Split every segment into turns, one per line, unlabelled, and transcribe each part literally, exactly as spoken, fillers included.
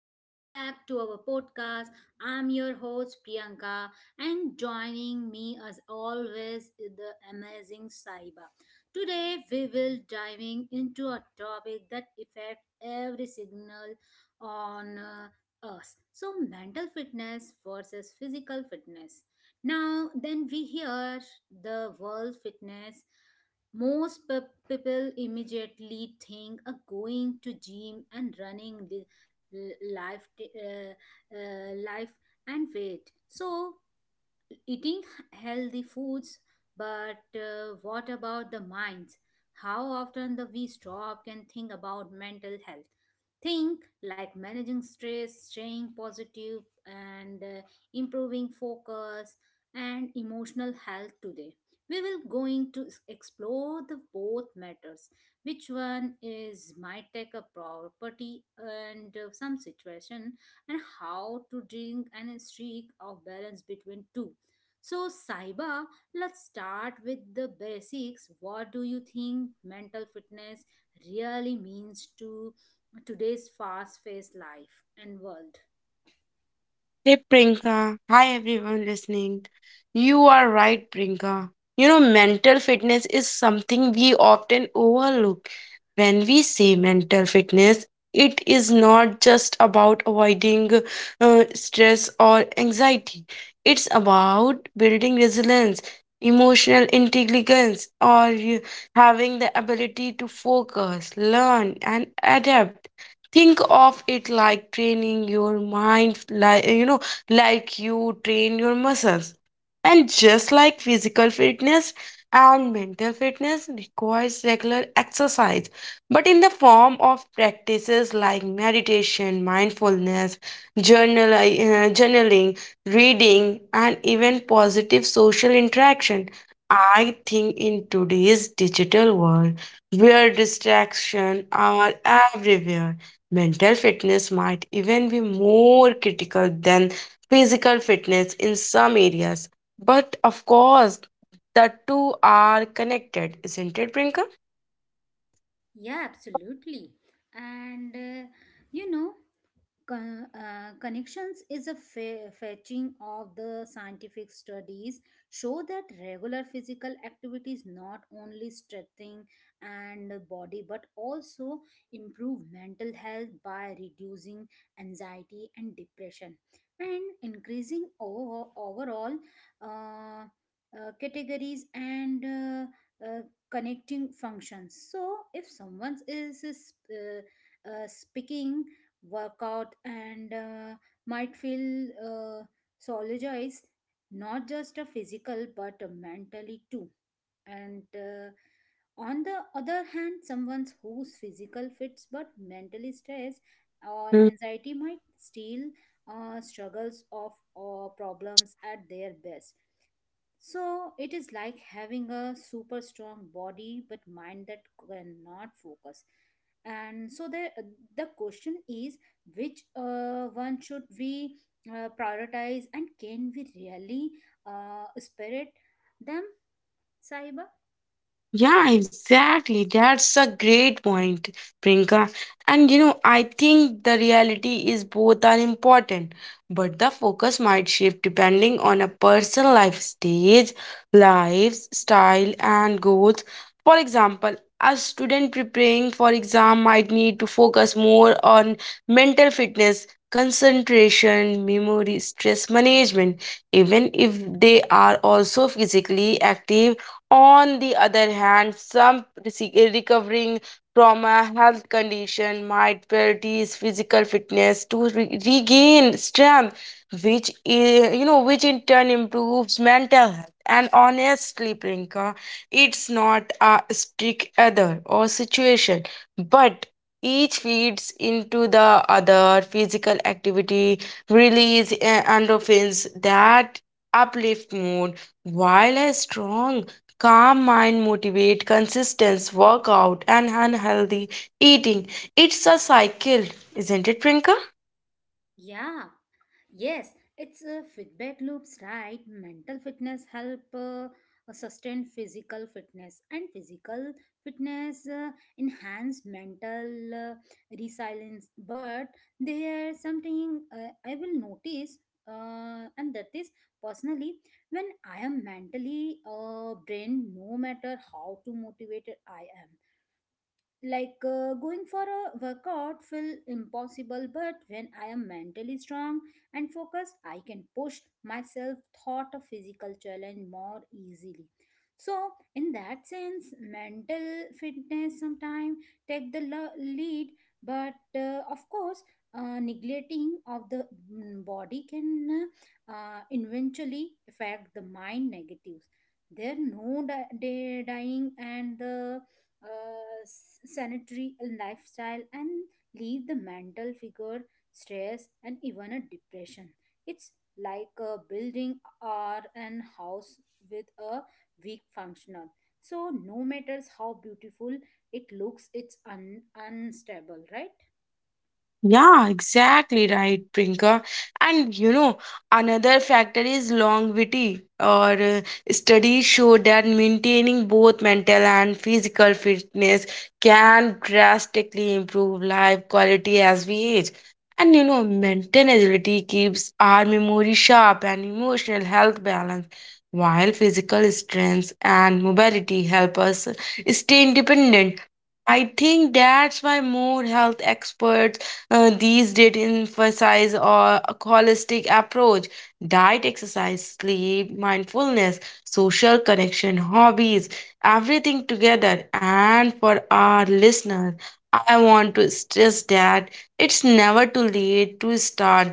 welcome back to our podcast. I'm your host Priyanka, and joining me as always is the amazing Saiba. Today, we will diving into a topic that affects every signal on uh, us. So, mental fitness versus physical fitness. Now, then we hear the world fitness most pe- people immediately think uh, going to gym and running li- life, t- uh, uh, life and weight. So eating healthy foods, but uh, what about the minds? How often the we stop and think about mental health? Think like managing stress, staying positive, and uh, improving focus and emotional health. Today, we will going to s- explore the both matters, which one is might take a property, and uh, some situation, and how to drink and seek of balance between two. So, Saiba, let's start with the basics. What do you think mental fitness really means to today's fast paced life and world?
Hey Prinka, hi everyone listening. You are right, Prinka. You know, mental fitness is something we often overlook. When we say mental fitness, it is not just about avoiding uh, stress or anxiety, it's about building resilience, emotional intelligence, or you- having the ability to focus, learn, and adapt. Think of it like training your mind, like you know like you train your muscles. And just like physical fitness and mental fitness requires regular exercise, but in the form of practices like meditation, mindfulness, journal, uh, journaling, reading, and even positive social interaction. I think in today's digital world, where distractions are everywhere, mental fitness might even be more critical than physical fitness in some areas. But of course, the two are connected, isn't it, Brinker?
Yeah, absolutely. And uh, you know, Con- uh, connections is a fa- fetching of the scientific studies show that regular physical activity is not only strengthening and body but also improve mental health by reducing anxiety and depression and increasing over- overall uh, uh, categories and uh, uh, connecting functions. So if someone is is, uh, uh, speaking workout, and uh, might feel uh, sologized, not just a physical but a mentally too. And uh, on the other hand, someone whose physical fits but mentally stressed or anxiety might still uh, struggles of or problems at their best. So it is like having a super strong body but mind that cannot focus. And so the the question is, which uh, one should we uh, prioritize, and can we really uh, spirit them, Saiba?
Yeah, exactly. That's a great point, Prinka. And you know, I think the reality is both are important, but the focus might shift depending on a person's life stage, lives, style, and goals. For example, a student preparing for exam might need to focus more on mental fitness, concentration, memory, stress management, even if they are also physically active. On the other hand, some rece- recovering from a health condition might prioritize physical fitness to re- regain strength, which is, you know, which in turn improves mental health. And honestly, Prinka, it's not a strict other or situation, but each feeds into the other. Physical activity release uh, endorphins that uplift mood, while a strong calm mind motivate consistent workout and unhealthy eating. It's a cycle, isn't it, Prinka?
Yeah, yes, it's a feedback loops, right? Mental fitness help uh, sustain physical fitness, and physical fitness uh, enhance mental uh, resilience. But there something uh, I will notice, uh, and that is personally when I am mentally uh, drained, no matter how to motivated I am. Like uh, going for a workout feel impossible, but when I am mentally strong and focused, I can push myself thought a physical challenge more easily. So in that sense, mental fitness sometimes take the lo- lead, but uh, of course, uh, neglecting of the mm, body can uh, eventually affect the mind negatives. There no di- di- dying and the uh, s- sanitary lifestyle and leave the mental figure stress and even a depression. It's like a building or an house with a weak functional, so no matters how beautiful it looks, it's un- unstable, right?
Yeah, exactly right, Prinka. And you know, another factor is longevity. Or uh, Studies show that maintaining both mental and physical fitness can drastically improve life quality as we age. And you know, mental agility keeps our memory sharp and emotional health balanced, while physical strength and mobility help us stay independent. I think that's why more health experts uh, these days emphasize or a holistic approach, diet, exercise, sleep, mindfulness, social connection, hobbies, everything together. And for our listeners, I want to stress that it's never too late to start.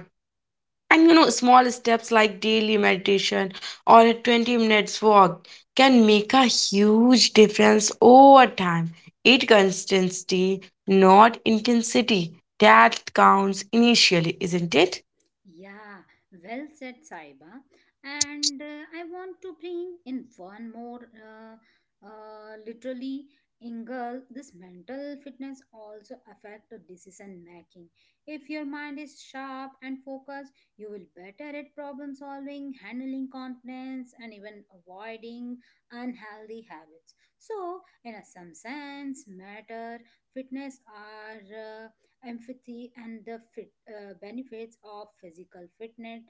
And you know, small steps like daily meditation or a twenty minutes walk can make a huge difference over time. It consistency, not intensity. That counts initially, isn't it?
Yeah, well said, Saiba. And uh, I want to bring in one more, uh, uh, literally, angle. This mental fitness also affect the decision making. If your mind is sharp and focused, you will better at problem solving, handling confidence, and even avoiding unhealthy habits. So, in a some sense, matter fitness are. Uh, empathy, and the fit, uh, benefits of physical fitness,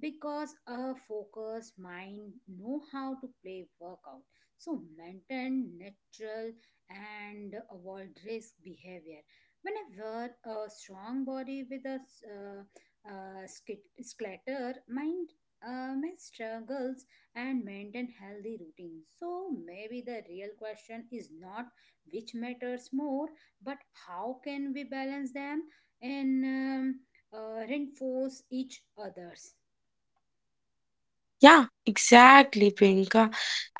because a focused mind know how to play workout, so maintain natural and avoid risk behavior. When I wear a strong body with a s- uh, uh, skit- skeletal mind, uh, my struggles and maintain healthy routine, so maybe the real question is not which matters more, but how can we balance them and um, uh, reinforce each others.
Yeah, exactly, Priyanka.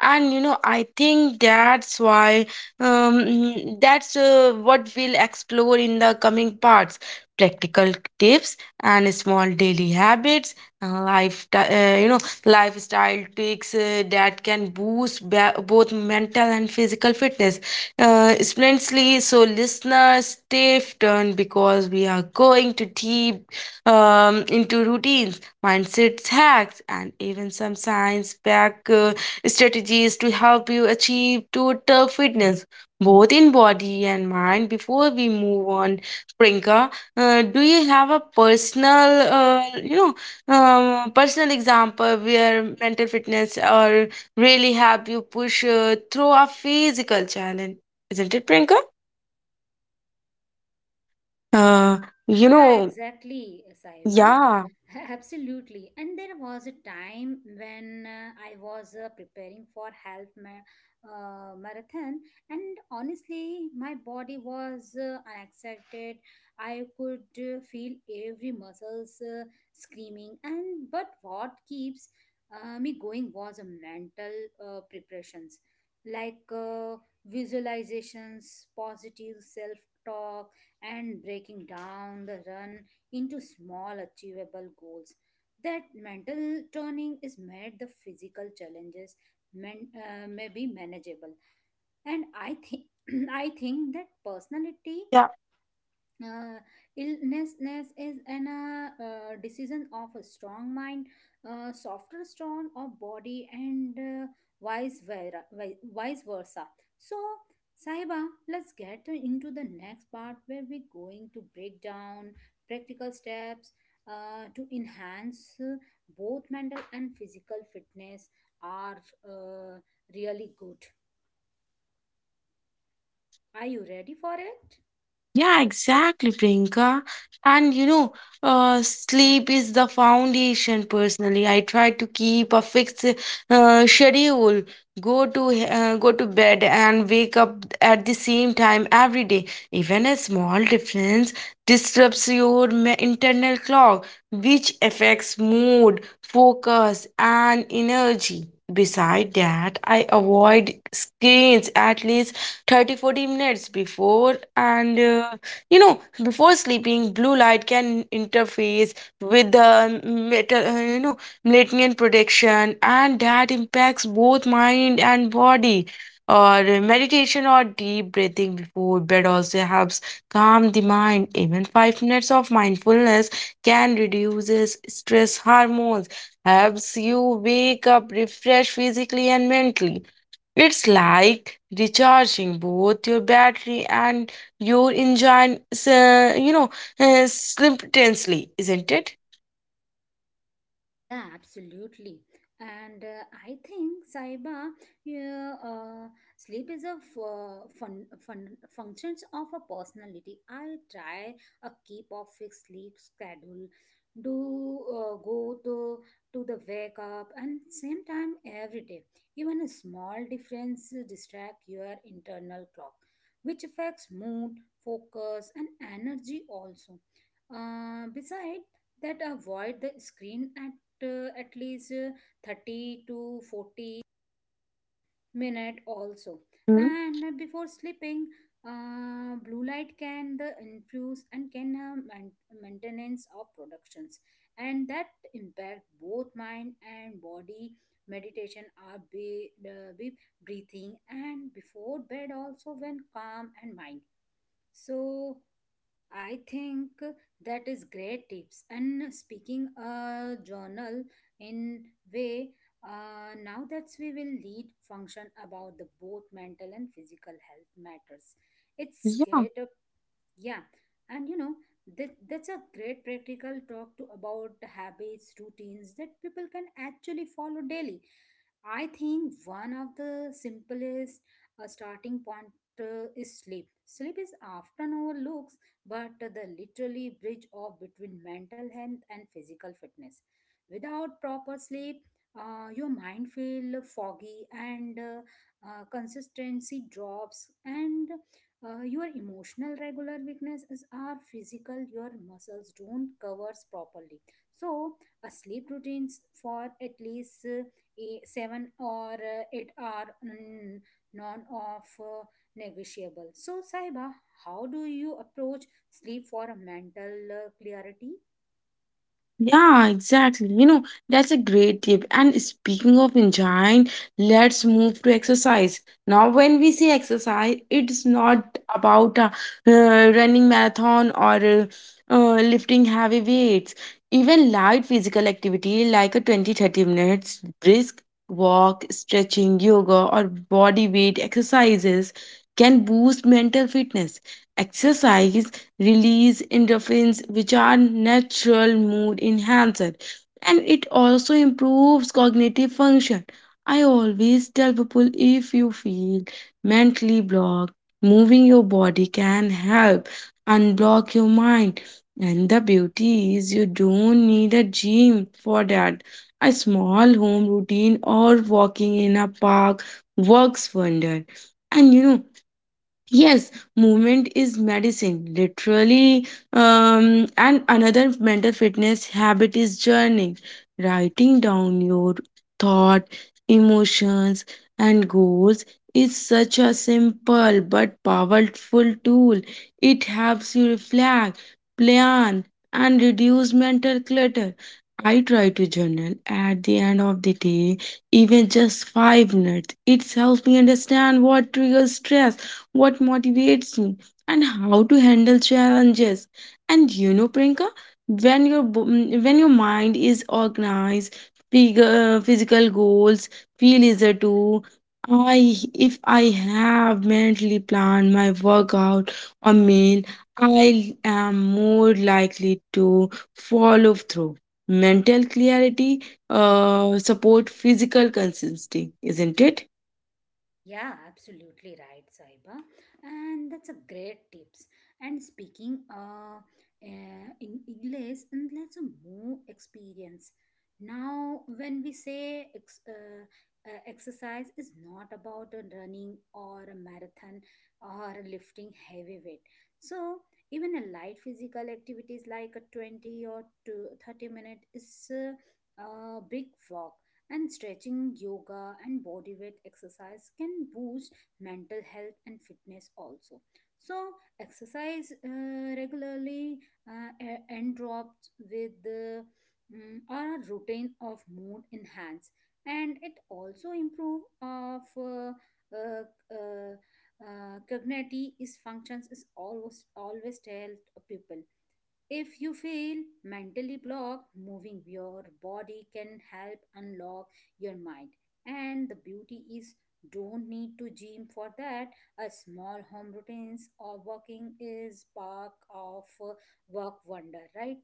And you know, I think that's why um, mm, that's uh, what we'll explore in the coming parts: practical tips and small daily habits and life uh, you know lifestyle tricks uh, that can boost ba- both mental and physical fitness uh, splendidly. So listeners stay tuned, because we are going to deep um, into routines, mindset hacks, and even some science backed uh, strategies to help you achieve total fitness, both in body and mind. Before we move on, Prinka, uh, do you have a personal, uh, you know, um, personal example where mental fitness or really help you push uh, through a physical challenge? Isn't it, Prinka? Uh, you
Yeah,
know,
exactly, Saiba.
yeah.
Absolutely. And there was a time when uh, I was uh, preparing for half ma- uh, marathon, and honestly, my body was uh, unexcited. I could uh, feel every muscles uh, screaming, and but what keeps uh, me going was a mental uh, preparations, like uh, visualizations, positive self talk, and breaking down the run into small achievable goals. That mental turning is made the physical challenges man, uh, may be manageable. And I think I think that personality uh, illnessness is an uh, uh, decision of a strong mind, uh, softer strong of body, and uh, vice vera- vi- vice versa. So, Saiba, let's get into the next part where we're going to break down practical steps uh, to enhance uh, both mental and physical fitness, are uh, really good. Are you ready for it?
Yeah, exactly, Priyanka. And you know, uh, sleep is the foundation. Personally, I try to keep a fixed uh, schedule, go to uh, go to bed and wake up at the same time every day. Even a small difference disrupts your me- internal clock, which affects mood, focus, and energy. Beside that, I avoid screens at least thirty to forty minutes before, and uh, you know before sleeping. Blue light can interface with the meta, uh, you know melatonin production, and that impacts both mind and body. Or meditation or deep breathing before bed also helps calm the mind. Even five minutes of mindfulness can reduces stress hormones, helps you wake up refreshed physically and mentally. It's like recharging both your battery and your engine, s- uh, you know, uh, simultaneously, isn't it?
Yeah, absolutely. And uh, I think, Saiba, yeah, uh, sleep is a f- uh, fun, fun functions of a personality. I try a keep of fixed sleep schedule, do uh, go to to the wake up and same time every day. Even a small difference distract your internal clock, which affects mood, focus, and energy also. Uh, beside that avoid the screen at uh, at least uh, thirty to forty minute also,
Hmm?
and uh, before sleeping uh, blue light can the infuse and can uh, man- maintenance of productions, and that impact both mind and body. Meditation are be, uh, be breathing and before bed also when calm and mind. So I think that is great tips. And speaking a journal in way, uh, now that we will lead function about the both mental and physical health matters. It's great. Yeah, and you know that that's a great practical talk to about the habits, routines, that people can actually follow daily. I think one of the simplest uh, starting point uh, is sleep. Sleep is often overlooked, but the literally bridge of between mental health and physical fitness. Without proper sleep, uh, your mind feel foggy, and uh, uh, consistency drops, and uh, your emotional regular weaknesses are physical, your muscles don't covers properly. So a sleep routines for at least uh, a seven or uh, eight are mm, non of uh, negotiable. So, Saiba, how do you approach sleep for a mental uh, clarity?
Yeah, exactly. You know, that's a great tip. And speaking of enjoying, let's move to exercise. Now, when we say exercise, it's not about uh, uh, running marathon or uh, uh, lifting heavy weights. Even light physical activity like a twenty to thirty minutes brisk walk, stretching, yoga, or body weight exercises can boost mental fitness. Exercise release endorphins, which are natural mood enhancer, and it also improves cognitive function. I always tell people, if you feel mentally blocked, moving your body can help unblock your mind. And the beauty is you don't need a gym for that. A small home routine or walking in a park works wonder. And you know, yes, movement is medicine, literally. Um, and another mental fitness habit is journaling, writing down your thought, emotions, and goals is such a simple but powerful tool. It helps you reflect, plan, and reduce mental clutter. I try to journal at the end of the day, even just five minutes. It helps me understand what triggers stress, what motivates me, and how to handle challenges. And you know, Priyanka, when your bo- mm, when your mind is organized, phyg- uh, physical goals feel easier too. I, if I have mentally planned my workout or meal, I am more likely to follow through. Mental clarity uh, support physical consistency, isn't it?
Yeah, absolutely right, Saiba. And that's a great tips. And speaking uh, uh, in English, and let's move experience. Now, when we say ex- uh, uh, exercise is not about a running or a marathon or lifting heavy weight. So, even a light physical activities like a twenty or to thirty minute is a, a big walk and stretching, yoga, and body weight exercise can boost mental health and fitness also. So, exercise uh, regularly uh, a- and drops with the mm, are a routine of mood enhance, and it also improve of uh, uh, uh, uh, cognitive is functions. Is always always tell people, if you feel mentally blocked, moving your body can help unlock your mind. And the beauty is, don't need to gym for that. A small home routines or walking is part of uh, work wonder, right?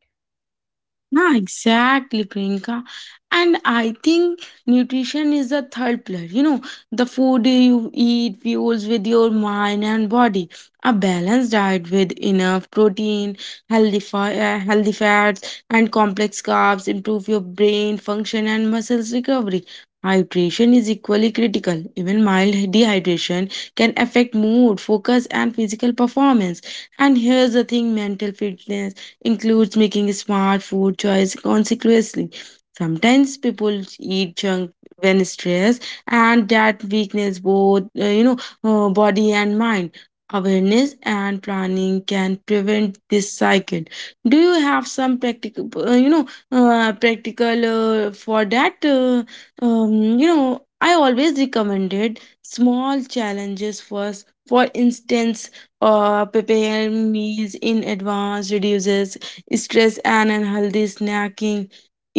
Yeah, exactly, Priyanka. And I think nutrition is the third pillar. You know, the food you eat fuels with your mind and body. A balanced diet with enough protein, healthy, fi- uh, healthy fats, and complex carbs improve your brain function and muscles recovery. Hydration is equally critical. Even mild dehydration can affect mood, focus, and physical performance. And here's the thing: mental fitness includes making smart food choice consequently. Sometimes people eat junk when stressed, and that weakness both uh, you know uh, body and mind. Awareness and planning can prevent this cycle. Do you have some practical, uh, you know, uh, practical uh, for that? Uh, um, you know, I always recommended small challenges first. For instance, or prepare meals in advance reduces stress and unhealthy snacking,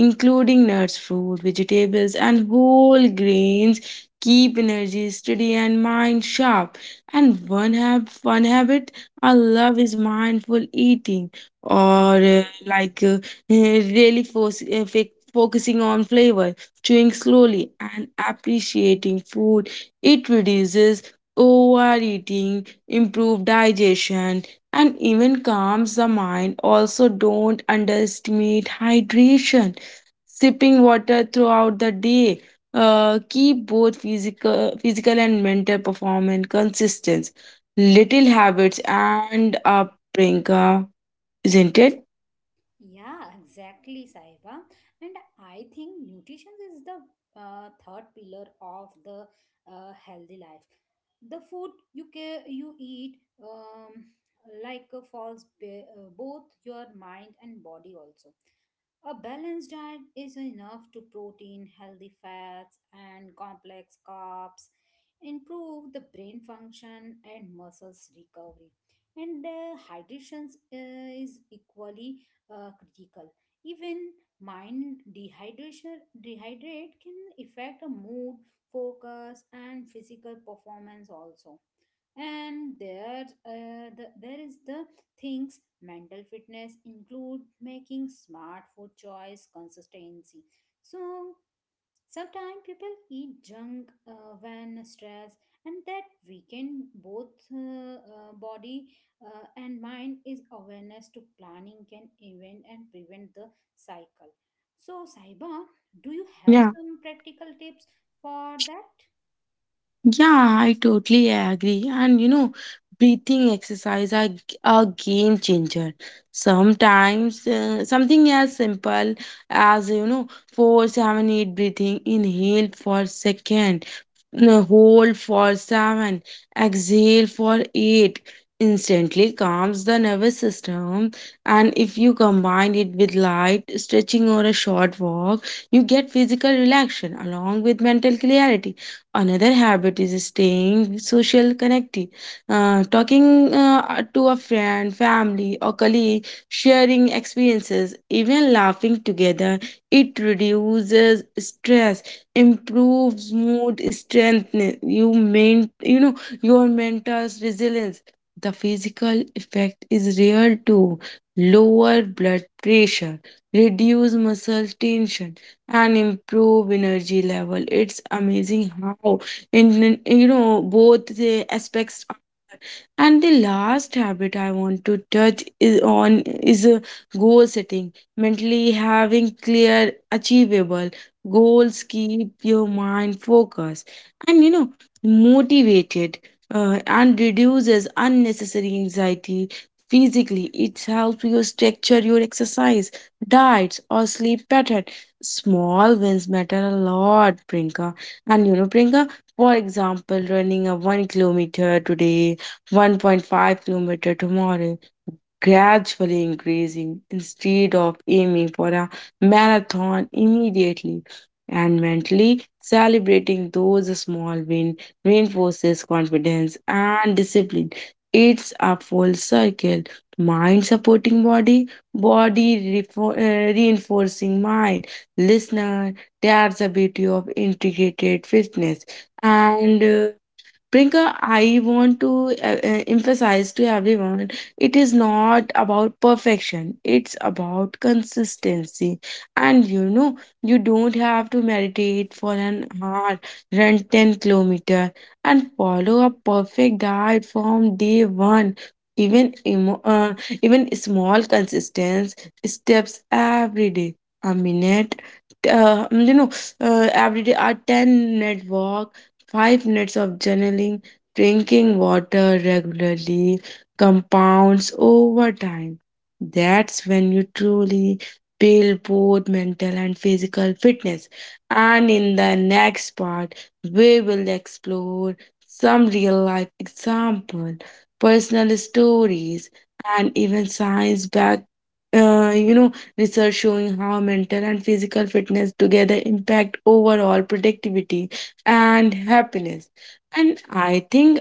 including nuts, fruit, vegetables, and whole grains, keep energy steady and mind sharp. And one hab one habit I love is mindful eating, or uh, like uh, really fos- uh, fic- focusing on flavor, chewing slowly and appreciating food. It reduces overeating, improve digestion, and even calms the mind. Also, don't underestimate hydration. Sipping water throughout the day uh, keep both physical, physical and mental performance consistent. Little habits and up, Priyanka, isn't it?
Yeah, exactly, Saiba. And I think nutrition is the uh, third pillar of the uh, healthy life. The food you ca- you eat, um, like uh, falls be- uh, both your mind and body also. A balanced diet is enough to protein, healthy fats, and complex carbs, improve the brain function and muscles recovery. And uh, hydration uh, is equally uh, critical. Even mind dehydration dehydrate can affect a mood, focus, and physical performance also. And there uh, the, there is the things mental fitness include making smart food choice consistency. So sometimes people eat junk uh, when stressed, and that weaken both uh, uh, body uh, and mind is awareness to planning, can event and prevent the cycle. So, Saiba, do you have
Yeah,
some practical tips for that?
Yeah, I totally agree. And you know, breathing exercise are g- a game changer. Sometimes uh, something as simple as, you know, four, seven, eight breathing, inhale for second, n- hold for seven, exhale for eight. Instantly calms the nervous system, and if you combine it with light stretching or a short walk, you get physical relaxation along with mental clarity. Another habit is staying social connected, uh, talking uh, to a friend, family, or colleague, sharing experiences, even laughing together. It reduces stress, improves mood, strengthens you main, you know your mental resilience. The physical effect is real too. Lower blood pressure, reduce muscle tension, and improve energy level. It's amazing how in in- you know both the aspects. And the last habit I want to touch is on is a goal setting. Mentally having clear, achievable goals keep your mind focused and, you know, motivated uh, and reduces unnecessary anxiety. Physically, it helps you structure your exercise, diets, or sleep pattern. Small wins matter a lot, Prinka. And you know, Prinka, for example, running a one kilometer today, one point five kilometer tomorrow, gradually increasing instead of aiming for a marathon immediately. And mentally celebrating those small wins reinforces confidence and discipline. It's a full circle. Mind supporting body, body refo- uh, reinforcing mind. Listener, that's the beauty of integrated fitness. And uh, Priyanka, I want to uh, uh, emphasize to everyone, it is not about perfection, it's about consistency. And you know, you don't have to meditate for an hour, run ten kilometer, and follow a perfect diet from day one. Even, emo- uh, Even small consistent steps every day, a minute. Uh, you know, uh, every day, a ten minute walk, five minutes of journaling, drinking water regularly, compounds over time. That's when you truly build both mental and physical fitness. And in the next part, we will explore some real life example, personal stories, and even science back uh, you know research showing how mental and physical fitness together impact overall productivity and happiness. And I think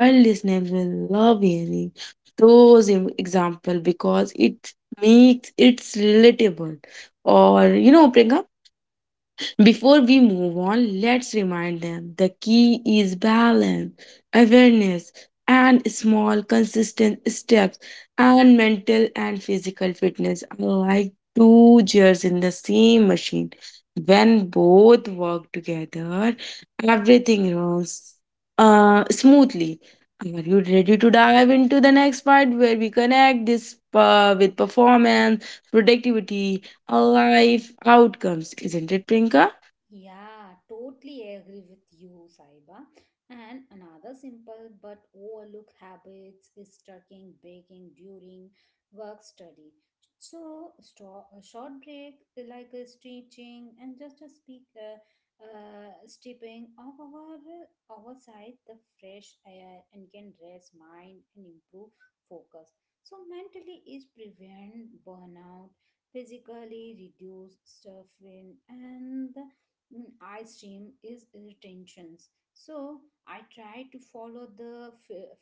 our listeners will love hearing those em- example because it makes it's relatable. Or you know, Priyanka, before we move on, let's remind them the key is balance, awareness, and small, consistent steps, and mental and physical fitness are like two gears in the same machine. When both work together, everything runs uh, smoothly. Are you ready to dive into the next part where we connect this uh, with performance, productivity, life outcomes? Isn't it, Prinka?
Yeah, totally agree with you, Saiba. And another simple but overlooked habit is tracking breaking during work study. So, sto- a short break like a stretching and just a speak, uh, uh, stepping of our, our side the fresh air, and can rest mind and improve focus. So, mentally is prevent burnout, physically reduce stuffing and mm, I stream is retentions. So I try to follow the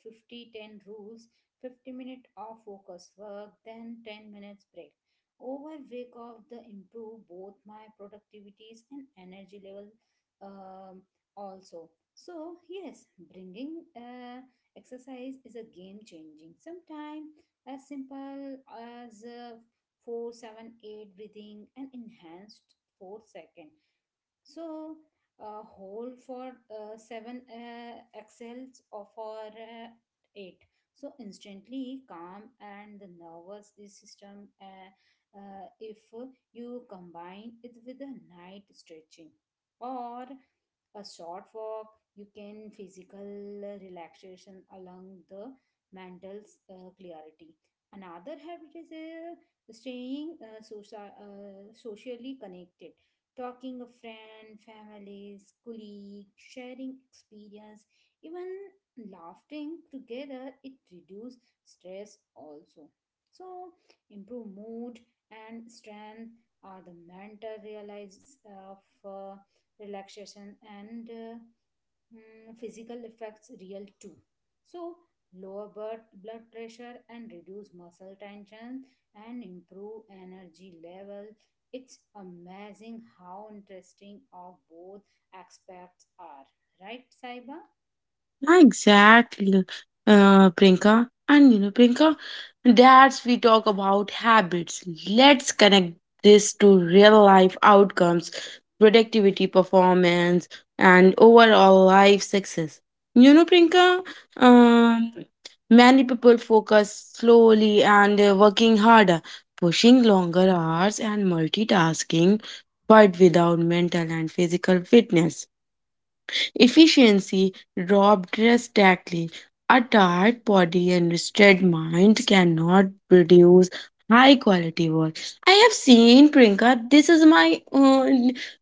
fifty ten rules, fifty minute of focus work, then ten minutes break. Over week of the improve both my productivities and energy level, um, also. So yes, bringing uh, exercise is a game changing. Sometimes as simple as uh, four seven eight breathing and enhanced four second, so a whole for uh, seven uh, excels or for uh, eight. So instantly calm and the nervous system. Uh, uh, if you combine it with a night stretching or a short walk, you can physical relaxation along the mental uh, clarity. Another habit is uh, staying uh, socia- uh, socially connected, talking a friend, families, colleagues, sharing experience, even laughing together, it reduce stress also. So improve mood and strength are the mental realize of uh, relaxation, and uh, Hmm, physical effects real too. So, lower blood, blood pressure and reduce muscle tension and improve energy level. It's amazing how interesting of both aspects are, right, Saiba?
Yeah, exactly, uh, Priyanka. And you know, Prinka, that's we talk about habits. Let's connect this to real life outcomes, productivity, performance, and overall life success. You know, Prinka, um, many people focus slowly and uh, working harder, pushing longer hours and multitasking, but without mental and physical fitness. Efficiency dropped drastically. A tired body and rested mind cannot produce high quality work. I have seen Priyanka. This is my, uh,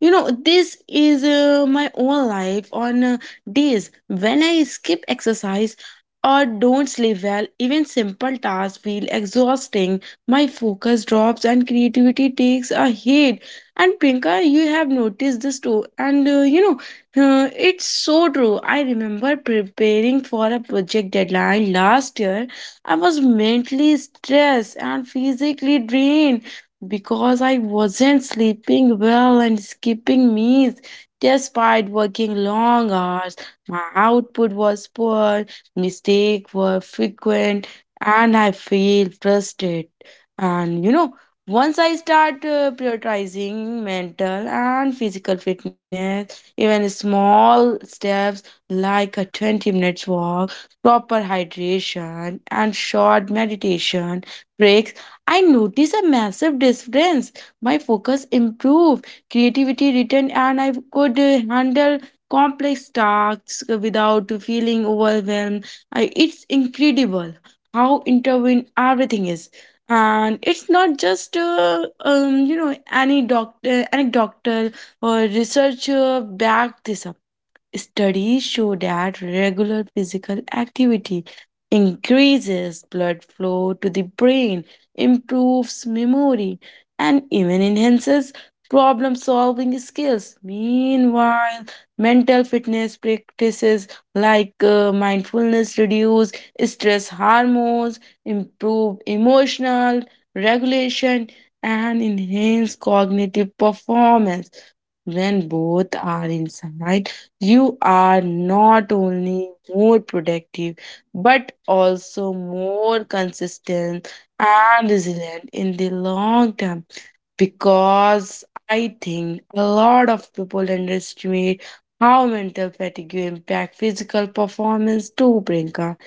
you know, This is uh, my own life on uh, days when I skip exercise or don't sleep well. Even simple tasks feel exhausting. My focus drops and creativity takes a hit. And Priyanka, you have noticed this too. And uh, you know uh, it's so true. I remember preparing for a project deadline last year. I was mentally stressed and physically drained because I wasn't sleeping well and skipping meals. Despite working long hours, my output was poor, mistakes were frequent, and I feel frustrated. And you know, once I start uh, prioritizing mental and physical fitness, even small steps like a twenty minutes walk, proper hydration, and short meditation breaks, I notice a massive difference. My focus improved, creativity returned, and I could uh, handle complex tasks without feeling overwhelmed. I, it's incredible how intertwined everything is, and it's not just uh, um you know any doctor, any research back दिसप. Studies show that regular physical activity increases blood flow to the brain, improves memory, and even enhances problem solving skills. Meanwhile, mental fitness practices like uh, mindfulness reduce stress hormones, improve emotional regulation, and enhance cognitive performance. When both are inside, you are not only more productive but also more consistent and resilient in the long term, because I think a lot of people underestimate how mental fatigue impact physical performance too, Priyanka.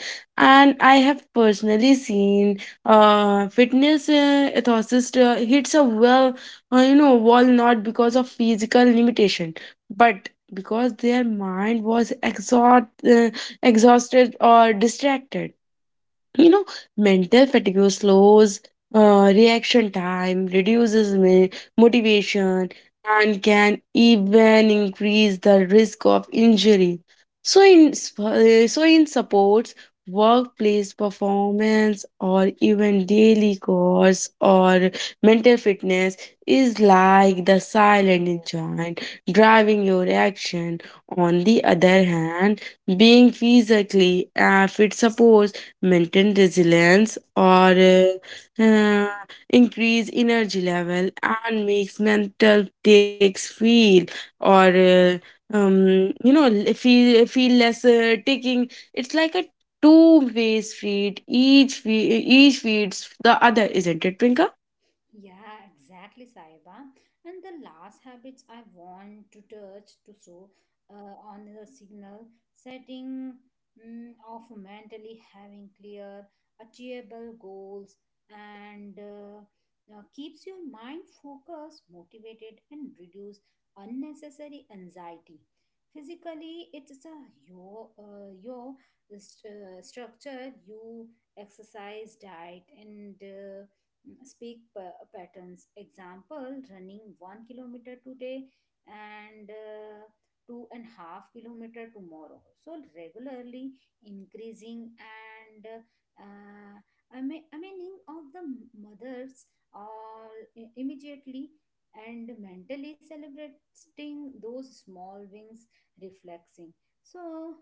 And I have personally seen uh, fitness uh, ethicist uh, hits a well, uh, you know, wall, not because of physical limitation, but because their mind was exhaust, uh, exhausted or distracted. You know, mental fatigue slows uh, reaction time, reduces mi- motivation, and can even increase the risk of injury. So, in sp- uh, so in supports, workplace performance, or even daily course, or mental fitness is like the silent engine driving your action. On the other hand, being physically uh, fit supports maintain resilience, or uh, uh, increase energy level, and makes mental takes feel or uh, um, you know l- feel feel less uh, taking. It's like a two way street, each fe- each feeds the other, isn't it, Twinkle?
Yeah, exactly, Saiba. And the last habits I want to touch to show uh, on the signal setting, mm, of mentally having clear, achievable goals, and uh, uh, keeps your mind focused, motivated, and reduce unnecessary anxiety. Physically, it's a your uh, your st- uh, structure, you exercise, diet, and uh, mm, speak pa- patterns example running one kilometer today and uh, two and half kilometer tomorrow, so regularly increasing and uh, I mean, I meaning of the mothers all i- immediately and mentally celebrating those small wins reflexing. So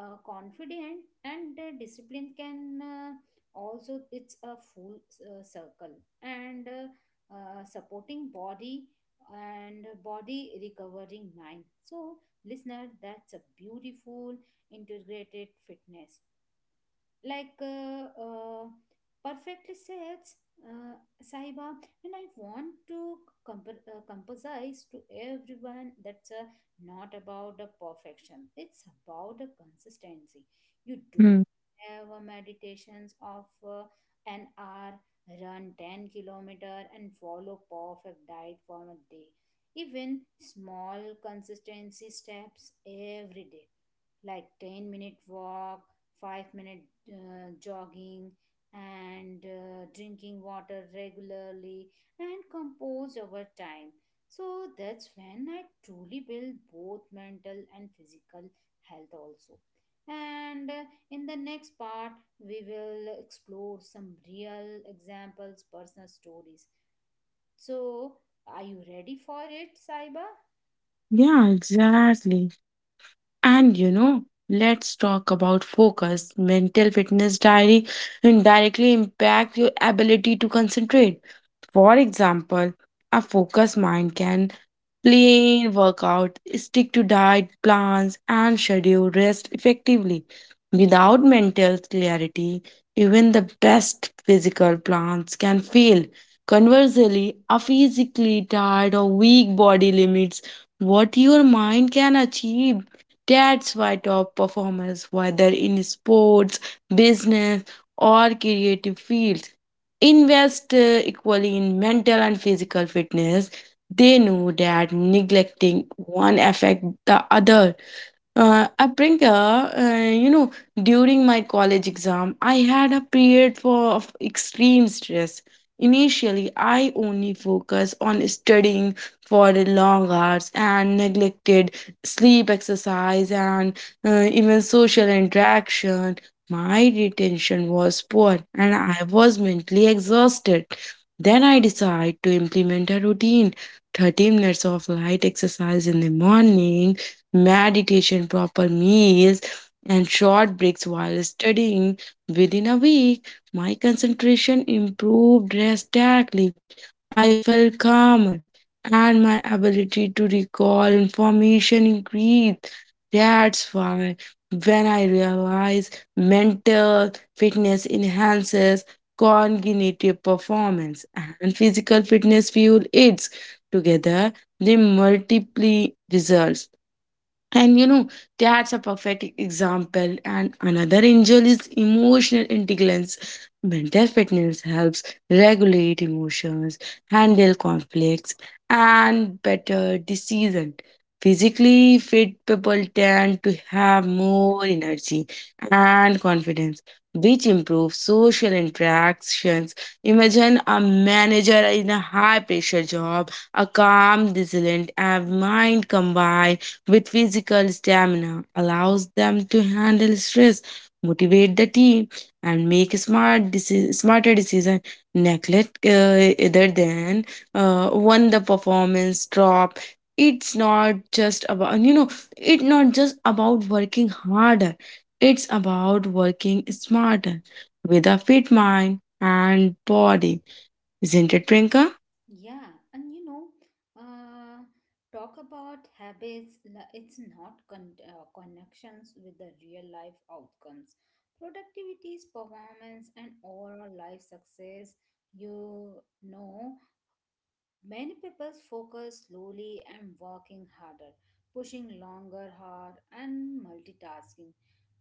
uh, confident and uh, discipline can uh, also, it's a full uh, circle and uh, uh, supporting body and body recovering mind. So listener, that's a beautiful integrated fitness like uh, uh, perfectly sets uh, Sahiba, and I want to comp- uh, compose to everyone that's uh, not about the perfection. It's about the consistency. You don't
Hmm.
have a meditations of uh, an hour, run ten kilometer, and follow perfect diet for a day. Even small consistency steps every day like ten minute walk, five minute uh, jogging, and uh, drinking water regularly and compose over time. So that's when I truly build both mental and physical health also. And uh, in the next part, we will explore some real examples, personal stories. So are you ready for it, Saiba?
Yeah, exactly. And you know, let's talk about focus. Mental fitness diary and directly impact your ability to concentrate. For example, a focused mind can plain workout, stick to diet plans, and schedule rest effectively. Without mental clarity, even the best physical plans can fail. Conversely, a physically tired or weak body limits what your mind can achieve. That's why top performers, whether in sports, business, or creative fields, invest uh, equally in mental and physical fitness. They know that neglecting one affects the other. Uh, Aprinka, uh, you know, during my college exam, I had a period for, of extreme stress. Initially, I only focused on studying for the long hours and neglected sleep, exercise, and uh, even social interaction. My retention was poor and I was mentally exhausted. Then I decided to implement a routine, thirty minutes of light exercise in the morning, meditation, proper meals, and short breaks while studying. Within a week, my concentration improved drastically. I felt calmer, and my ability to recall information increased. That's why when I realize mental fitness enhances cognitive performance and physical fitness fuel aids together, they multiply results. And you know, that's a perfect example. And another angel is emotional intelligence. Mental fitness helps regulate emotions, handle conflicts, and better decision. Physically fit people tend to have more energy and confidence, which improves social interactions. Imagine a manager in a high pressure job, a calm, resilient, and mind combined with physical stamina allows them to handle stress, motivate the team, and make smart deci- smarter decision. Neglect uh, other than uh, when the performance drop. It's not just about you know. It's not just about working harder. It's about working smarter with a fit mind and body, isn't it, Prinka?
Yeah, and you know, uh, talk about habits, la- it's not con- uh, connections with the real life outcomes. Productivities, performance, and overall life success, you know, Many people focus slowly and working harder, pushing longer hard and multitasking.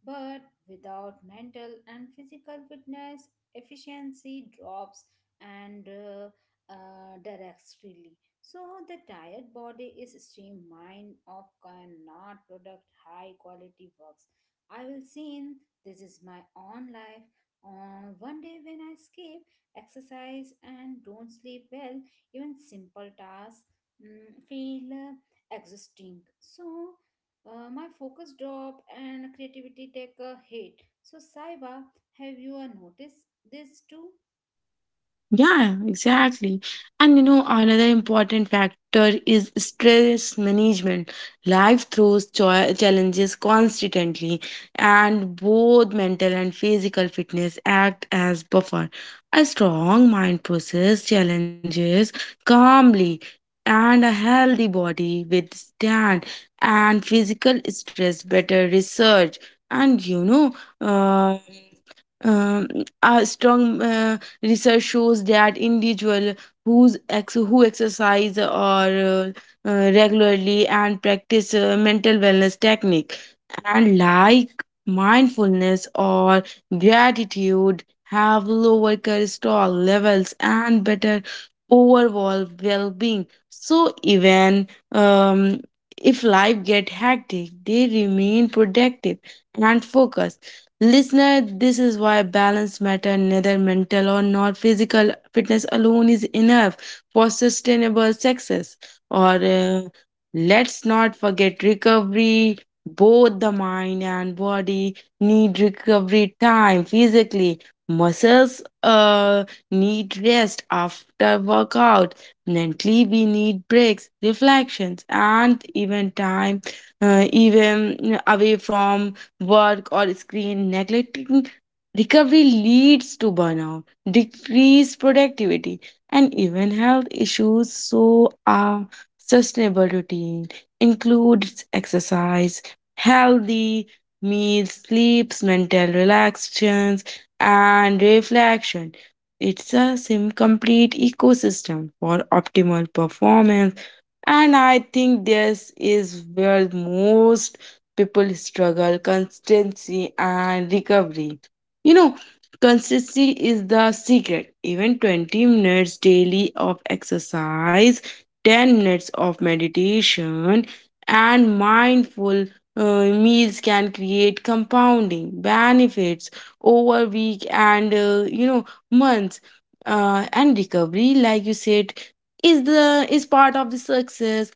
But without mental and physical fitness, efficiency drops and uh, uh, directly. So the tired body is stream mind of cannot product high quality works. I will see in this is my own life. On one day when I skip exercise and don't sleep well, even simple tasks mm, feel uh, exhausting. So uh, my focus drop and creativity take a hit. So Saiba, have you uh, noticed this too?
Yeah, exactly. And you know, another important factor is stress management. Life throws cho- challenges constantly, and both mental and physical fitness act as buffer. A strong mind process challenges calmly, and a healthy body withstand and physical stress better. Research and you know, uh, um, a strong uh, Research shows that individuals who's ex- who exercise or uh, uh, regularly and practice uh, mental wellness technique and like mindfulness or gratitude have lower cholesterol levels and better overall well-being. So even um, if life get hectic, they remain productive and focused. Listener, this is why balance matter. Neither mental or not physical fitness alone is enough for sustainable success. Or uh, let's not forget recovery. Both the mind and body need recovery time physically. Muscles uh, need rest after workout. Mentally, we need breaks, reflections, and even time, uh, even away from work or screen. Neglecting recovery leads to burnout, decreased productivity, and even health issues. So a sustainable routine includes exercise, healthy meals, sleeps, mental relaxations, and reflection. It's a sim complete ecosystem for optimal performance. And I think this is where most people struggle, constancy and recovery. You know, consistency is the secret. Even twenty minutes daily of exercise, ten minutes of meditation, and mindful uh, meals can create compounding benefits over week and, uh, you know months. Uh, and recovery, like you said, is the is part of the success.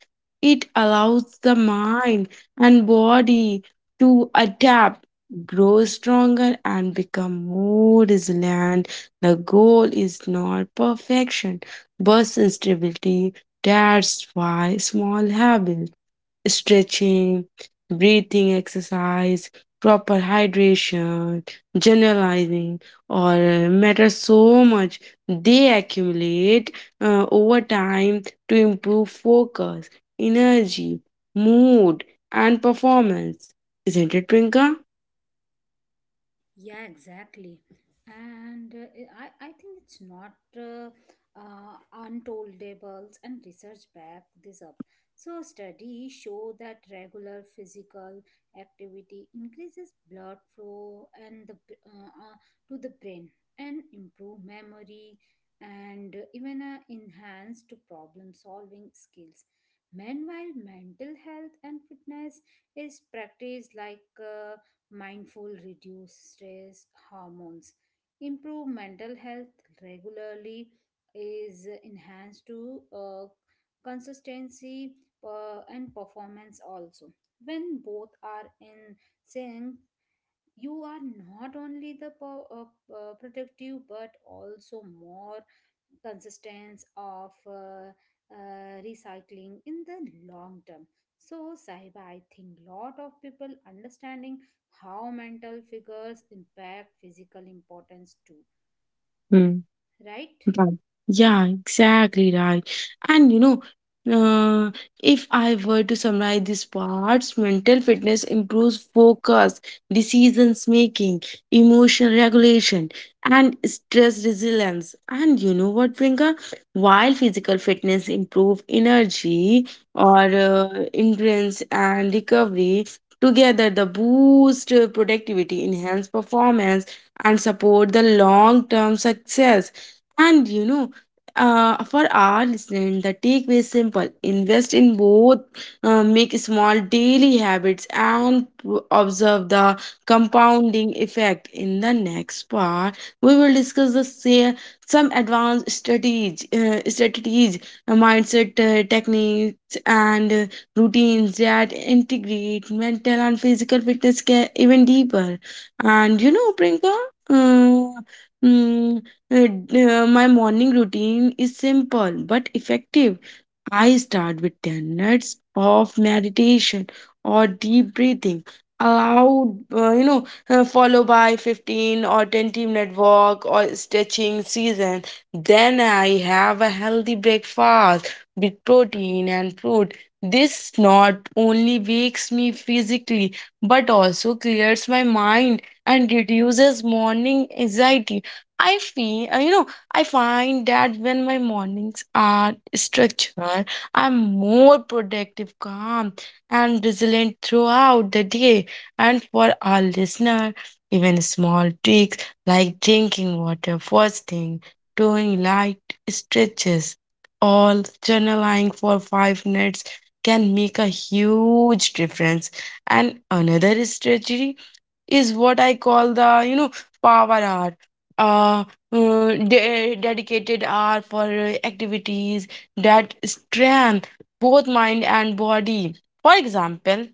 It allows the mind and body to adapt, grow stronger, and become more resilient. The goal is not perfection, but stability. That's why small habits, stretching, breathing exercise, proper hydration, generalizing, or uh, matter so much. They accumulate uh, over time to improve focus, energy, mood, and performance. Isn't it, Prinka?
Yeah, exactly. And uh, I, I think it's not uh, uh, untoldables and research back this up. So studies show that regular physical activity increases blood flow and the b- uh, uh, to the brain and improve memory and uh, even uh, enhance to problem solving skills. Meanwhile, mental health and fitness is practiced like uh, mindful reduce stress hormones, improve mental health regularly, is enhanced to uh, consistency uh, and performance also. When both are in sync, you are not only the po- uh, uh, protective but also more consistence of uh, uh, recycling in the long term. So Sahiba, I think lot of people understanding how mental figures impact physical importance too,
Hmm.
right?
Right. Yeah, exactly right. And you know, uh, if I were to summarize these parts, mental fitness improves focus, decisions making, emotional regulation, and stress resilience. And you know what, Priyanka? While physical fitness improve energy or uh, endurance and recovery, together the boost uh, productivity, enhance performance, and support the long-term success. And you know, uh, for our listeners, the takeaway is simple. Invest in both, uh, make small daily habits, and p- observe the compounding effect. In the next part, we will discuss the say, some advanced strategies, uh, strategies, uh, mindset uh, techniques, and uh, routines that integrate mental and physical fitness care even deeper. And you know, Prinka, uh, mm, uh, d- uh, my morning routine is simple but effective. I start with ten minutes of meditation or deep breathing. Allowed, uh, you know, uh, followed by fifteen or twenty minute walk or stretching season. Then I have a healthy breakfast with protein and fruit. This not only wakes me physically but also clears my mind and reduces morning anxiety. I feel, uh, you know, I find that when my mornings are structured, I'm more productive, calm, and resilient throughout the day. And for our listener, even small tweaks like drinking water first thing, doing light stretches, or journaling for five minutes can make a huge difference. And another strategy is what I call the, you know, power hour. Uh, uh, de- Dedicated hour for uh, activities that strengthen both mind and body. For example,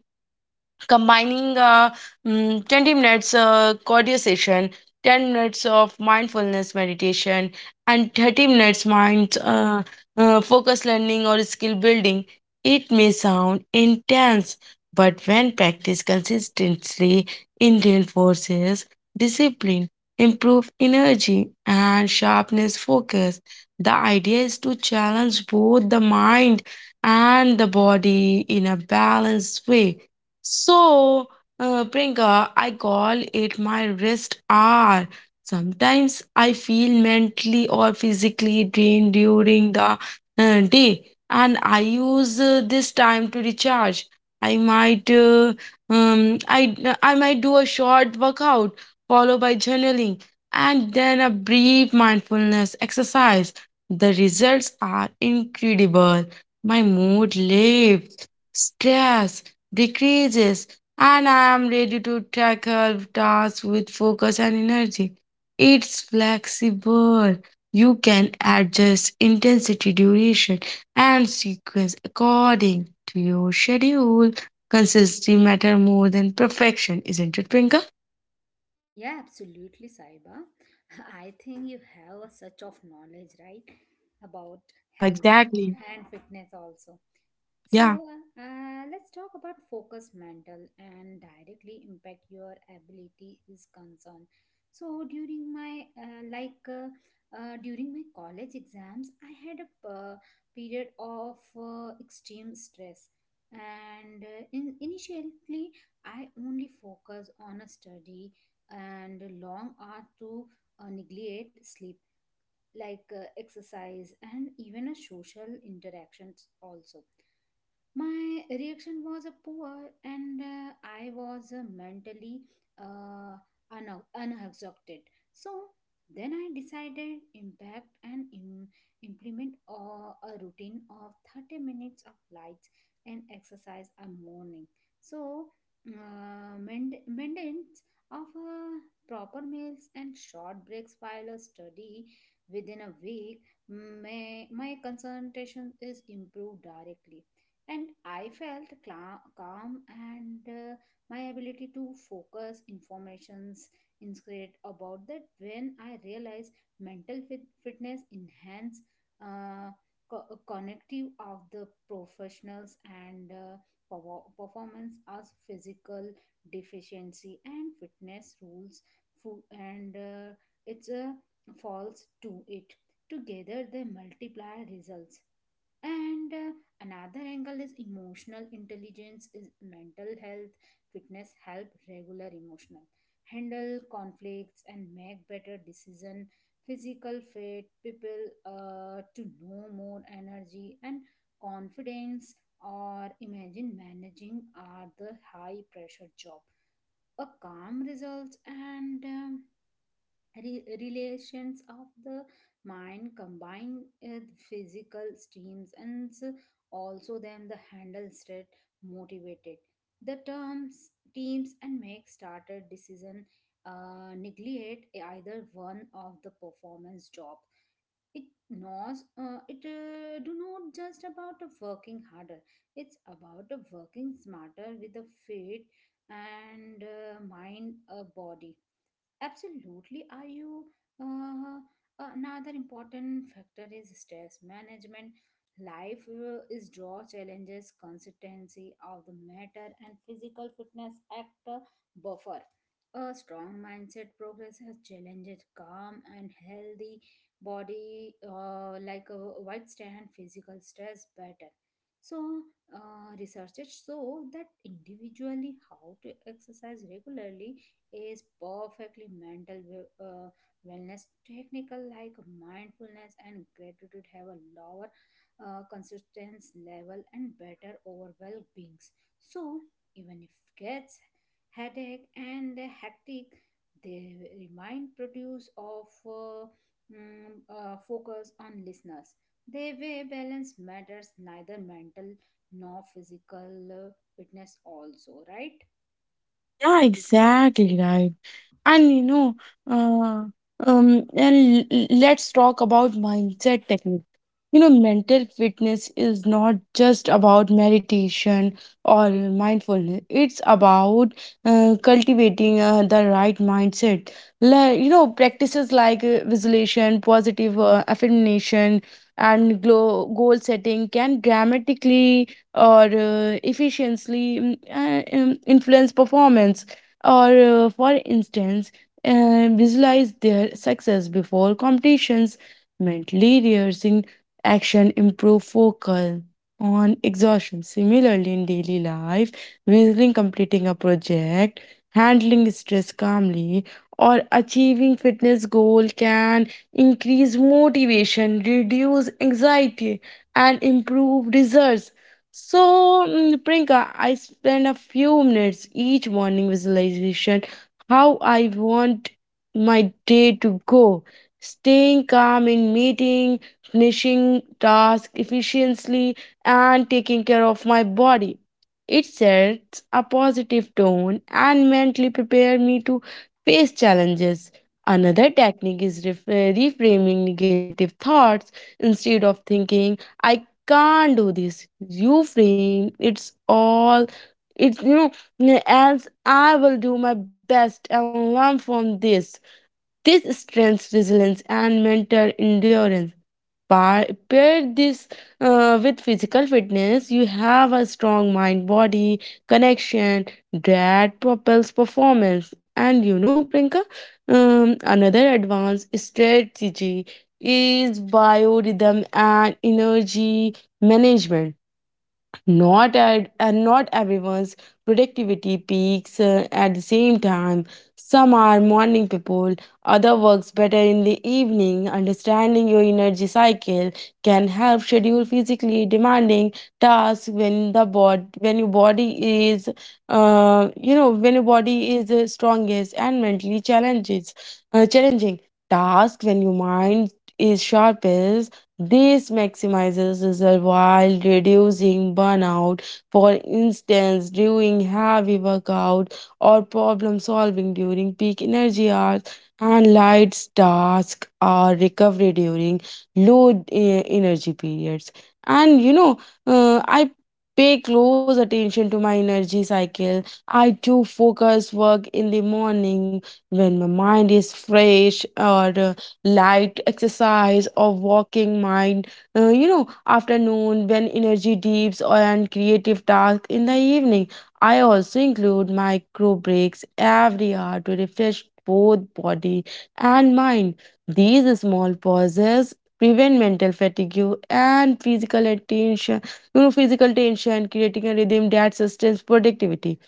combining uh, mm, twenty minutes uh, cardio session, ten minutes of mindfulness meditation, and thirty minutes mind uh, uh, focus learning or skill building. It may sound intense, but when practiced consistently, it reinforces discipline, improve energy and sharpness focus. The idea is to challenge both the mind and the body in a balanced way. So, uh, Priyanka, I call it my rest hour. Sometimes I feel mentally or physically drained during the uh, day, and I use uh, this time to recharge. I might, uh, um, I uh, I might do a short workout followed by journaling, and then a brief mindfulness exercise. The results are incredible. My mood lifts, stress decreases, and I am ready to tackle tasks with focus and energy. It's flexible. You can adjust intensity, duration, and sequence according to your schedule. Consistency matter more than perfection, isn't it, Prinka?
Yeah, absolutely, Sahiba. I think you have a such of knowledge, right, about
Yeah,
health
exactly.
and fitness also. So,
Yeah.
uh, let's talk about focus mental and directly impact your ability is concerned. So, during my uh, like uh, uh, during my college exams, I had a uh, period of uh, extreme stress, and uh, in initially I only focused on a study and long hours to uh, neglect sleep, like uh, exercise and even a social interactions also. My reaction was a poor and uh, I was uh, mentally uh, un- unexhausted. So then I decided impact and Im- implement uh, a routine of thirty minutes of lights and exercise a morning. So uh, main- maintenance of uh, proper meals and short breaks while a study. Within a week, may my concentration is improved directly, and I felt cla calm, and uh, my ability to focus informations. Instead about that, when I realized mental fit- fitness enhance uh, co- connective of the professionals and uh, power- performance as physical deficiency and fitness rules fo- and uh, it's a false to it, together they multiply results. And uh, another angle is emotional intelligence is mental health, fitness help regular emotional, handle conflicts, and make better decision, physical fit, people uh, to know more energy and confidence. Or imagine managing are the high pressure job. A calm results and um, re- relations of the mind combined with physical streams and also them the handle state, motivated the terms teams, and make started decision. Uh, neglect either one of the performance job. It knows uh, it uh, do not just about of working harder, it's about of working smarter with the fit and uh, mind a body. Absolutely. Are you uh, another important factor is stress management. Life uh, is draw challenges, consistency of the matter, and physical fitness act a buffer. A strong mindset progresses challenges calm, and healthy body, uh, like a withstand physical stress better. So, uh, researchers show that individually how to exercise regularly is perfectly mental we- uh, wellness technical like mindfulness and gratitude have a lower uh, consistence level and better overall beings. So even if cats headache and the hectic, they remind produce of uh, mm, uh, focus on listeners, they way balance matters, neither mental nor physical uh, fitness also, right?
Yeah, exactly right. And you know, uh, um, and l- let's talk about mindset technique. You know, mental fitness is not just about meditation or mindfulness. It's about uh, cultivating uh, the right mindset. La- you know, practices like uh, visualization, positive uh, affirmation, and glo- goal setting can dramatically or uh, efficiently mm, uh, um, influence performance. Or uh, for instance, uh, visualize their success before competitions, mentally rehearsing action, improve focus on exhaustion. Similarly in daily life, visualizing completing a project, handling stress calmly, or achieving fitness goal can increase motivation, reduce anxiety, and improve results. So, mm, Priyanka, I spend a few minutes each morning visualization how I want my day to go, staying calm in meeting, finishing task efficiently, and taking care of my body. It sets a positive tone and mentally prepare me to face challenges. Another technique is ref- uh, reframing negative thoughts instead of thinking I can't do this. You frame it's all it's you know, else I will do my best and learn from this. This strengthens resilience and mental endurance. Pa- Pair this uh, with physical fitness, you have a strong mind body connection that propels performance. And you know, Prinka, um, another advanced strategy is biorhythm and energy management not at and not everyone's productivity peaks uh, at the same time. Some are morning people, other works better in the evening. Understanding your energy cycle can help schedule physically demanding tasks when the bod when your body is uh, you know when your body is uh, strongest, and mentally challenges uh, challenging tasks when your mind is sharpest. This maximizes results while reducing burnout. For instance, during heavy workout or problem solving during peak energy hours, and light tasks or recovery during low eh, energy periods. And you know, uh, I pay close attention to my energy cycle. I do focus work in the morning when my mind is fresh, or uh, light exercise or walking mind, uh, you know afternoon when energy dips, or and creative tasks in the evening. I also include micro breaks every hour to refresh both body and mind. These small pauses prevent mental fatigue and physical attention you know physical tension, creating a rhythm that sustains productivity.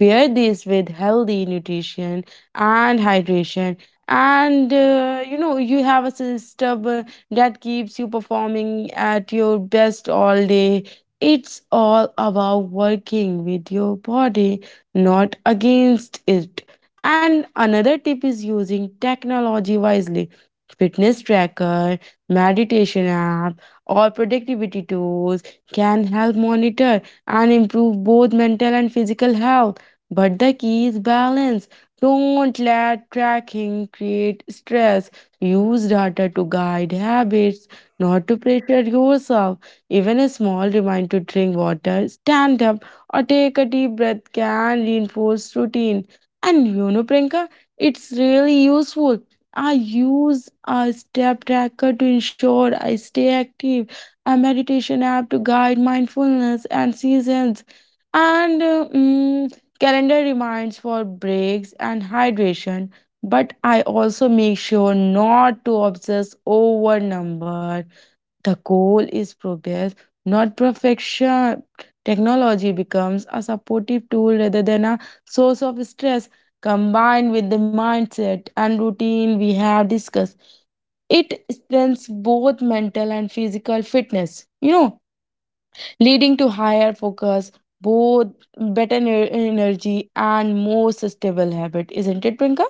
Pair this with healthy nutrition and hydration, and uh, you know, you have a system uh, that keeps you performing at your best all day. It's all about working with your body, not against it. And another tip is using technology wisely. Fitness tracker, meditation app, or productivity tools can help monitor and improve both mental and physical health. But the key is balance. Don't let tracking create stress. Use data to guide habits, not to pressure yourself. Even a small reminder to drink water, stand up, or take a deep breath can reinforce routine. And you know, Priyanka, it's really useful. I use a step tracker to ensure I stay active, a meditation app to guide mindfulness and seasons, and uh, mm, calendar reminds for breaks and hydration. But I also make sure not to obsess over number. The goal is progress, not perfection. Technology becomes a supportive tool rather than a source of stress. Combined with the mindset and routine we have discussed, it strengthens both mental and physical fitness, you know, leading to higher focus, both better ner- energy and more sustainable habit. Isn't it, Prinka?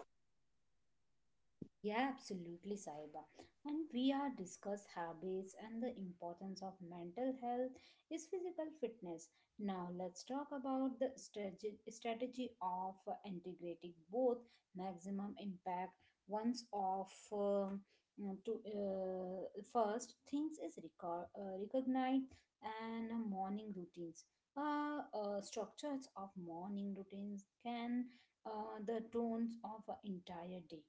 Yeah, absolutely, Saiba. And we are discuss habits and the importance of mental health is physical fitness. Now let's talk about the strategy strategy of uh, integrating both maximum impact once of uh, mm, to uh, first things is record, uh, recognize and morning routines. Uh, uh, structures of morning routines can uh, the tones of an entire day.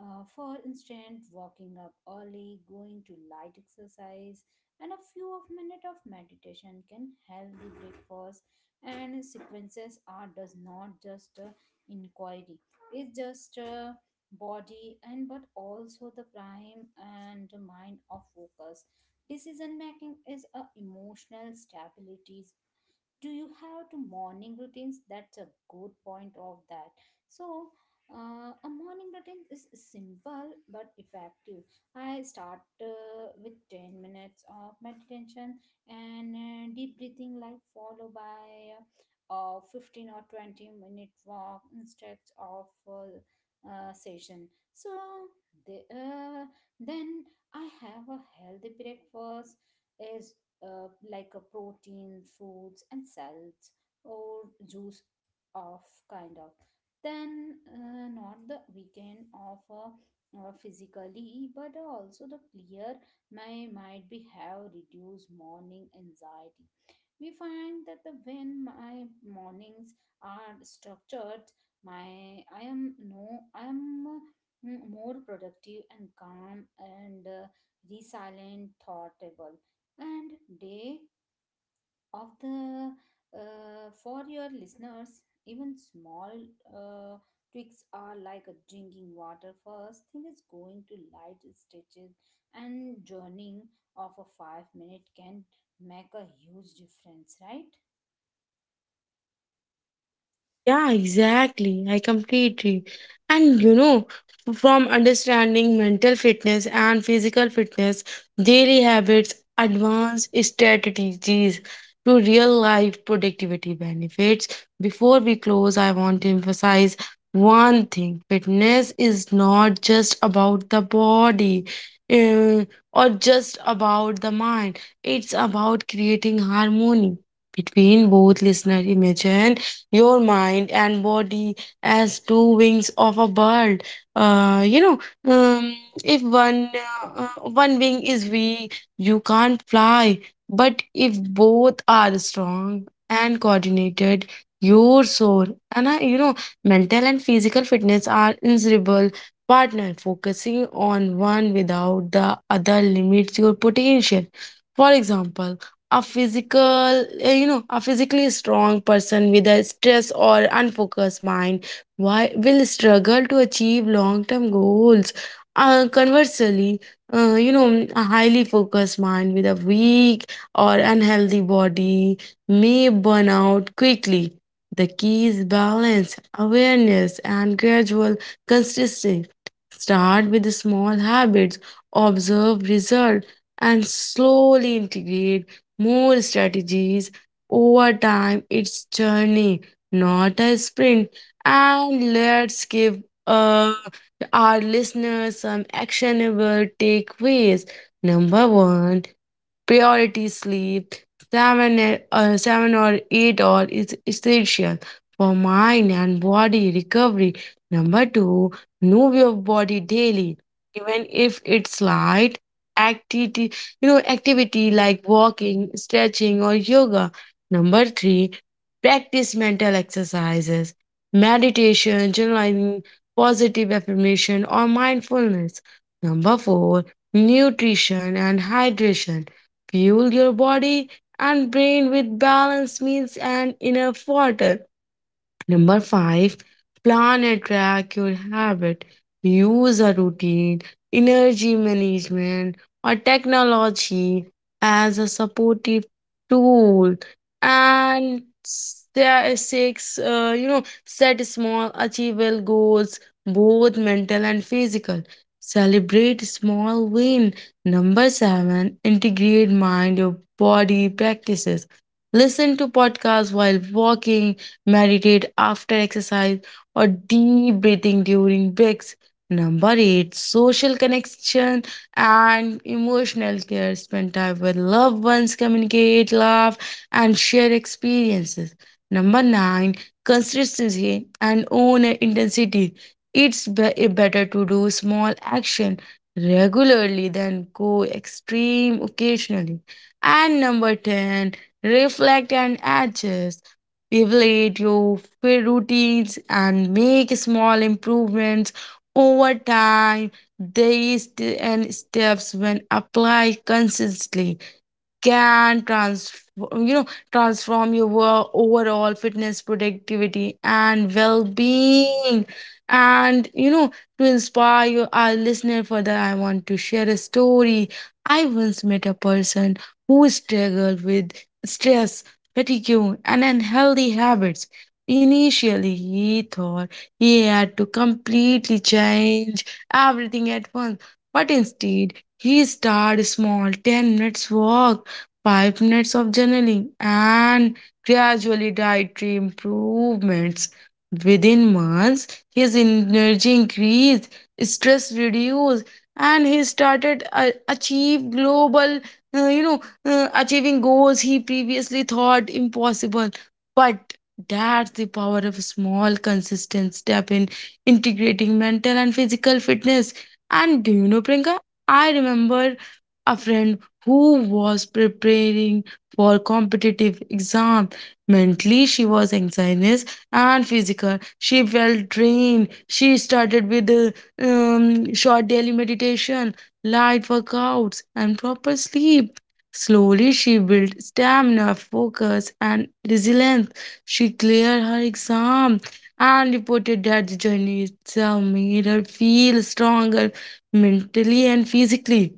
uh, For instance, walking up early, going to light exercise, and a few of minute of meditation can help the breakfast, and sequences are does not just uh, inquiry. It's just uh, body and but also the prime and the mind of focus. Decision making is a emotional stability. Do you have to morning routines? That's a good point of that. So uh, a morning routine is simple but effective. I start uh, with ten minutes of meditation and uh, deep breathing, like followed by uh, a fifteen or twenty minute walk instead of uh, uh, session. So the, uh, then I have a healthy breakfast is uh, like a protein, fruits, and salads, or juice of kind of. Then uh, not the weekend of uh, uh, physically, but also the clear my might be have reduced morning anxiety. We find that the when my mornings are structured, my I am no I am uh, mm, more productive and calm and uh, resilient, thoughtable and day of the uh, for your listeners, even small uh, tweaks are like a drinking water first thing, is going to light stretches and journeying of a five minute can make a huge difference, right?
Yeah, exactly. I completely. And you know, from understanding mental fitness and physical fitness, daily habits, advanced strategies to real life productivity benefits. Before we close, I want to emphasize one thing: fitness is not just about the body, uh, or just about the mind. It's about creating harmony between both listener. Imagine your mind and body as two wings of a bird. Uh, you know, um, if one uh, uh, one wing is weak, you can't fly. But if both are strong and coordinated, your soul. And uh, you know mental and physical fitness are inseparable partner, focusing on one without the other limits your potential. For example, a physical uh, you know a physically strong person with a stress or unfocused mind, why will struggle to achieve long term goals. Uh, conversely, uh, you know a highly focused mind with a weak or unhealthy body may burn out quickly. The key is balance, awareness, and gradual consistency. Start with the small habits, observe result, and slowly integrate more strategies over time. It's journey, not a sprint. And let's give uh, our listeners some actionable takeaways. Number one, priority sleep, seven, e- uh, seven or eight hours is essential for mind and body recovery. Number two, move your body daily, even if it's light activity, you know, activity like walking, stretching, or yoga. Number three, practice mental exercises, meditation, journaling, positive affirmation, or mindfulness. Number four, nutrition and hydration. Fuel your body and brain with balanced meals and enough water. Number five, plan and track your habit. Use a routine, energy management, or technology as a supportive tool. And there is six, uh, you know, set small, achievable goals, both mental and physical. Celebrate small win. Number seven, integrate mind, your body practices. Listen to podcasts while walking, meditate after exercise, or deep breathing during breaks. Number eight, social connection and emotional care. Spend time with loved ones, communicate, laugh, and share experiences. Number nine, consistency and own intensity. It's be- better to do small action regularly than go extreme occasionally. And number ten, reflect and adjust. Evaluate your fa- routines and make small improvements over time. These t- and steps when applied consistently can transform you know transform your wo- overall fitness, productivity and well-being. And you know, to inspire your, our listener further, I want to share a story. I once met a person who struggled with stress, fatigue, and unhealthy habits. Initially he thought he had to completely change everything at once, but instead he started small: ten minutes walk, five minutes of journaling, and gradually dietary improvements. Within months, his energy increased, stress reduced, and he started uh, achieve global, uh, you know, uh, achieving goals he previously thought impossible. But that's the power of small, consistent step in integrating mental and physical fitness. And do you know, Priyanka? I remember a friend who was preparing for competitive exam. Mentally, she was anxious, and physical, she felt drained. She started with uh, um, short daily meditation, light workouts, and proper sleep. Slowly, she built stamina, focus, and resilience. She cleared her exam and reported that the journey itself made her feel stronger mentally and physically.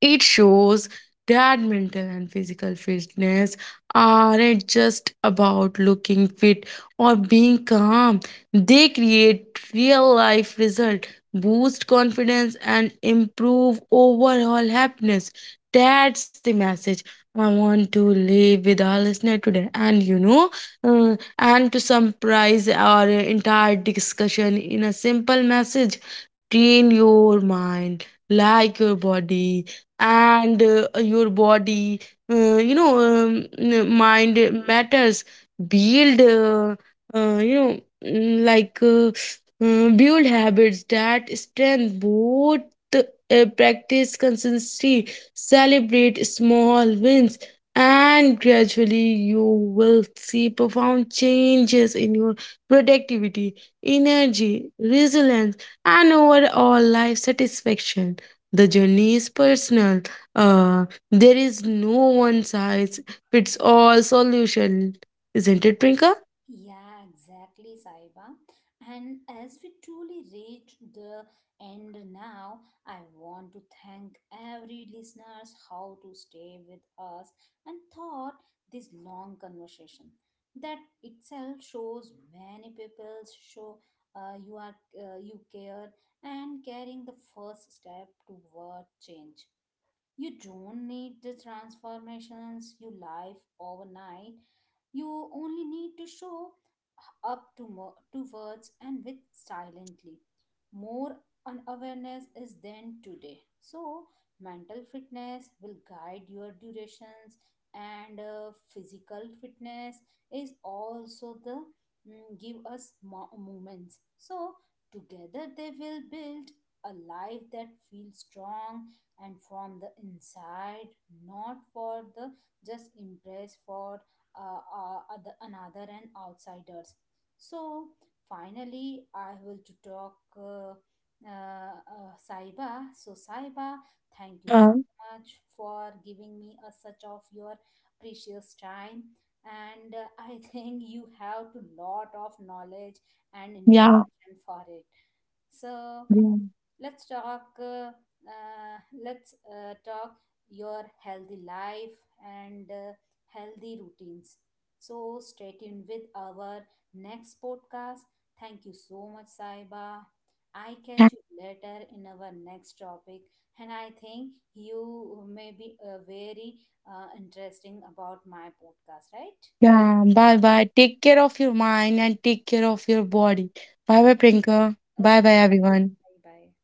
It shows that mental and physical fitness aren't just about looking fit or being calm. They create real life result, boost confidence, and improve overall happiness. That's the message I want to leave with our listener today. And you know, uh, and to summarize our entire discussion in a simple message: train your mind like your body, and uh, your body, uh, you know um, n- mind matters. Build uh, uh, you know mm, like uh, uh, build habits that strengthen both, uh, practice consistency, celebrate small wins, and gradually you will see profound changes in your productivity, energy, resilience, and overall life satisfaction. The journey is personal. Uh, there is no one size fits all solution. Isn't it, Prinka?
Yeah, exactly, Saiba. And as we truly reach the end now, I want to thank every listeners how to stay with us and thought this long conversation. That itself shows many people show uh, you are uh, you care and carrying the first step toward change. You don't need the transformations you life overnight. You only need to show up to, mo- to words and with silently. More an awareness is then today. So, mental fitness will guide your durations, and uh, physical fitness is also the mm, give us mo- moments. So, together they will build a life that feels strong and from the inside, not for the just impress for uh, uh, other, another and outsiders. So finally, I will to talk uh, uh, uh, Saiba. So Saiba, thank you so
Uh,
much for giving me a such of your precious time. And uh, I think you have a lot of knowledge and
yeah.
information for it. So
Yeah.
let's talk. Uh, uh, let's uh, Talk your healthy life and uh, healthy routines. So stay tuned with our next podcast. Thank you so much, Saiba. I
Yeah.
catch you later in our next topic, and I think you may be uh, very uh, interesting about my podcast, right?
Yeah, bye bye. Take care of your mind and take care of your body. Bye
Oh,
bye, Prinka. Bye
okay,
bye, everyone.
bye bye.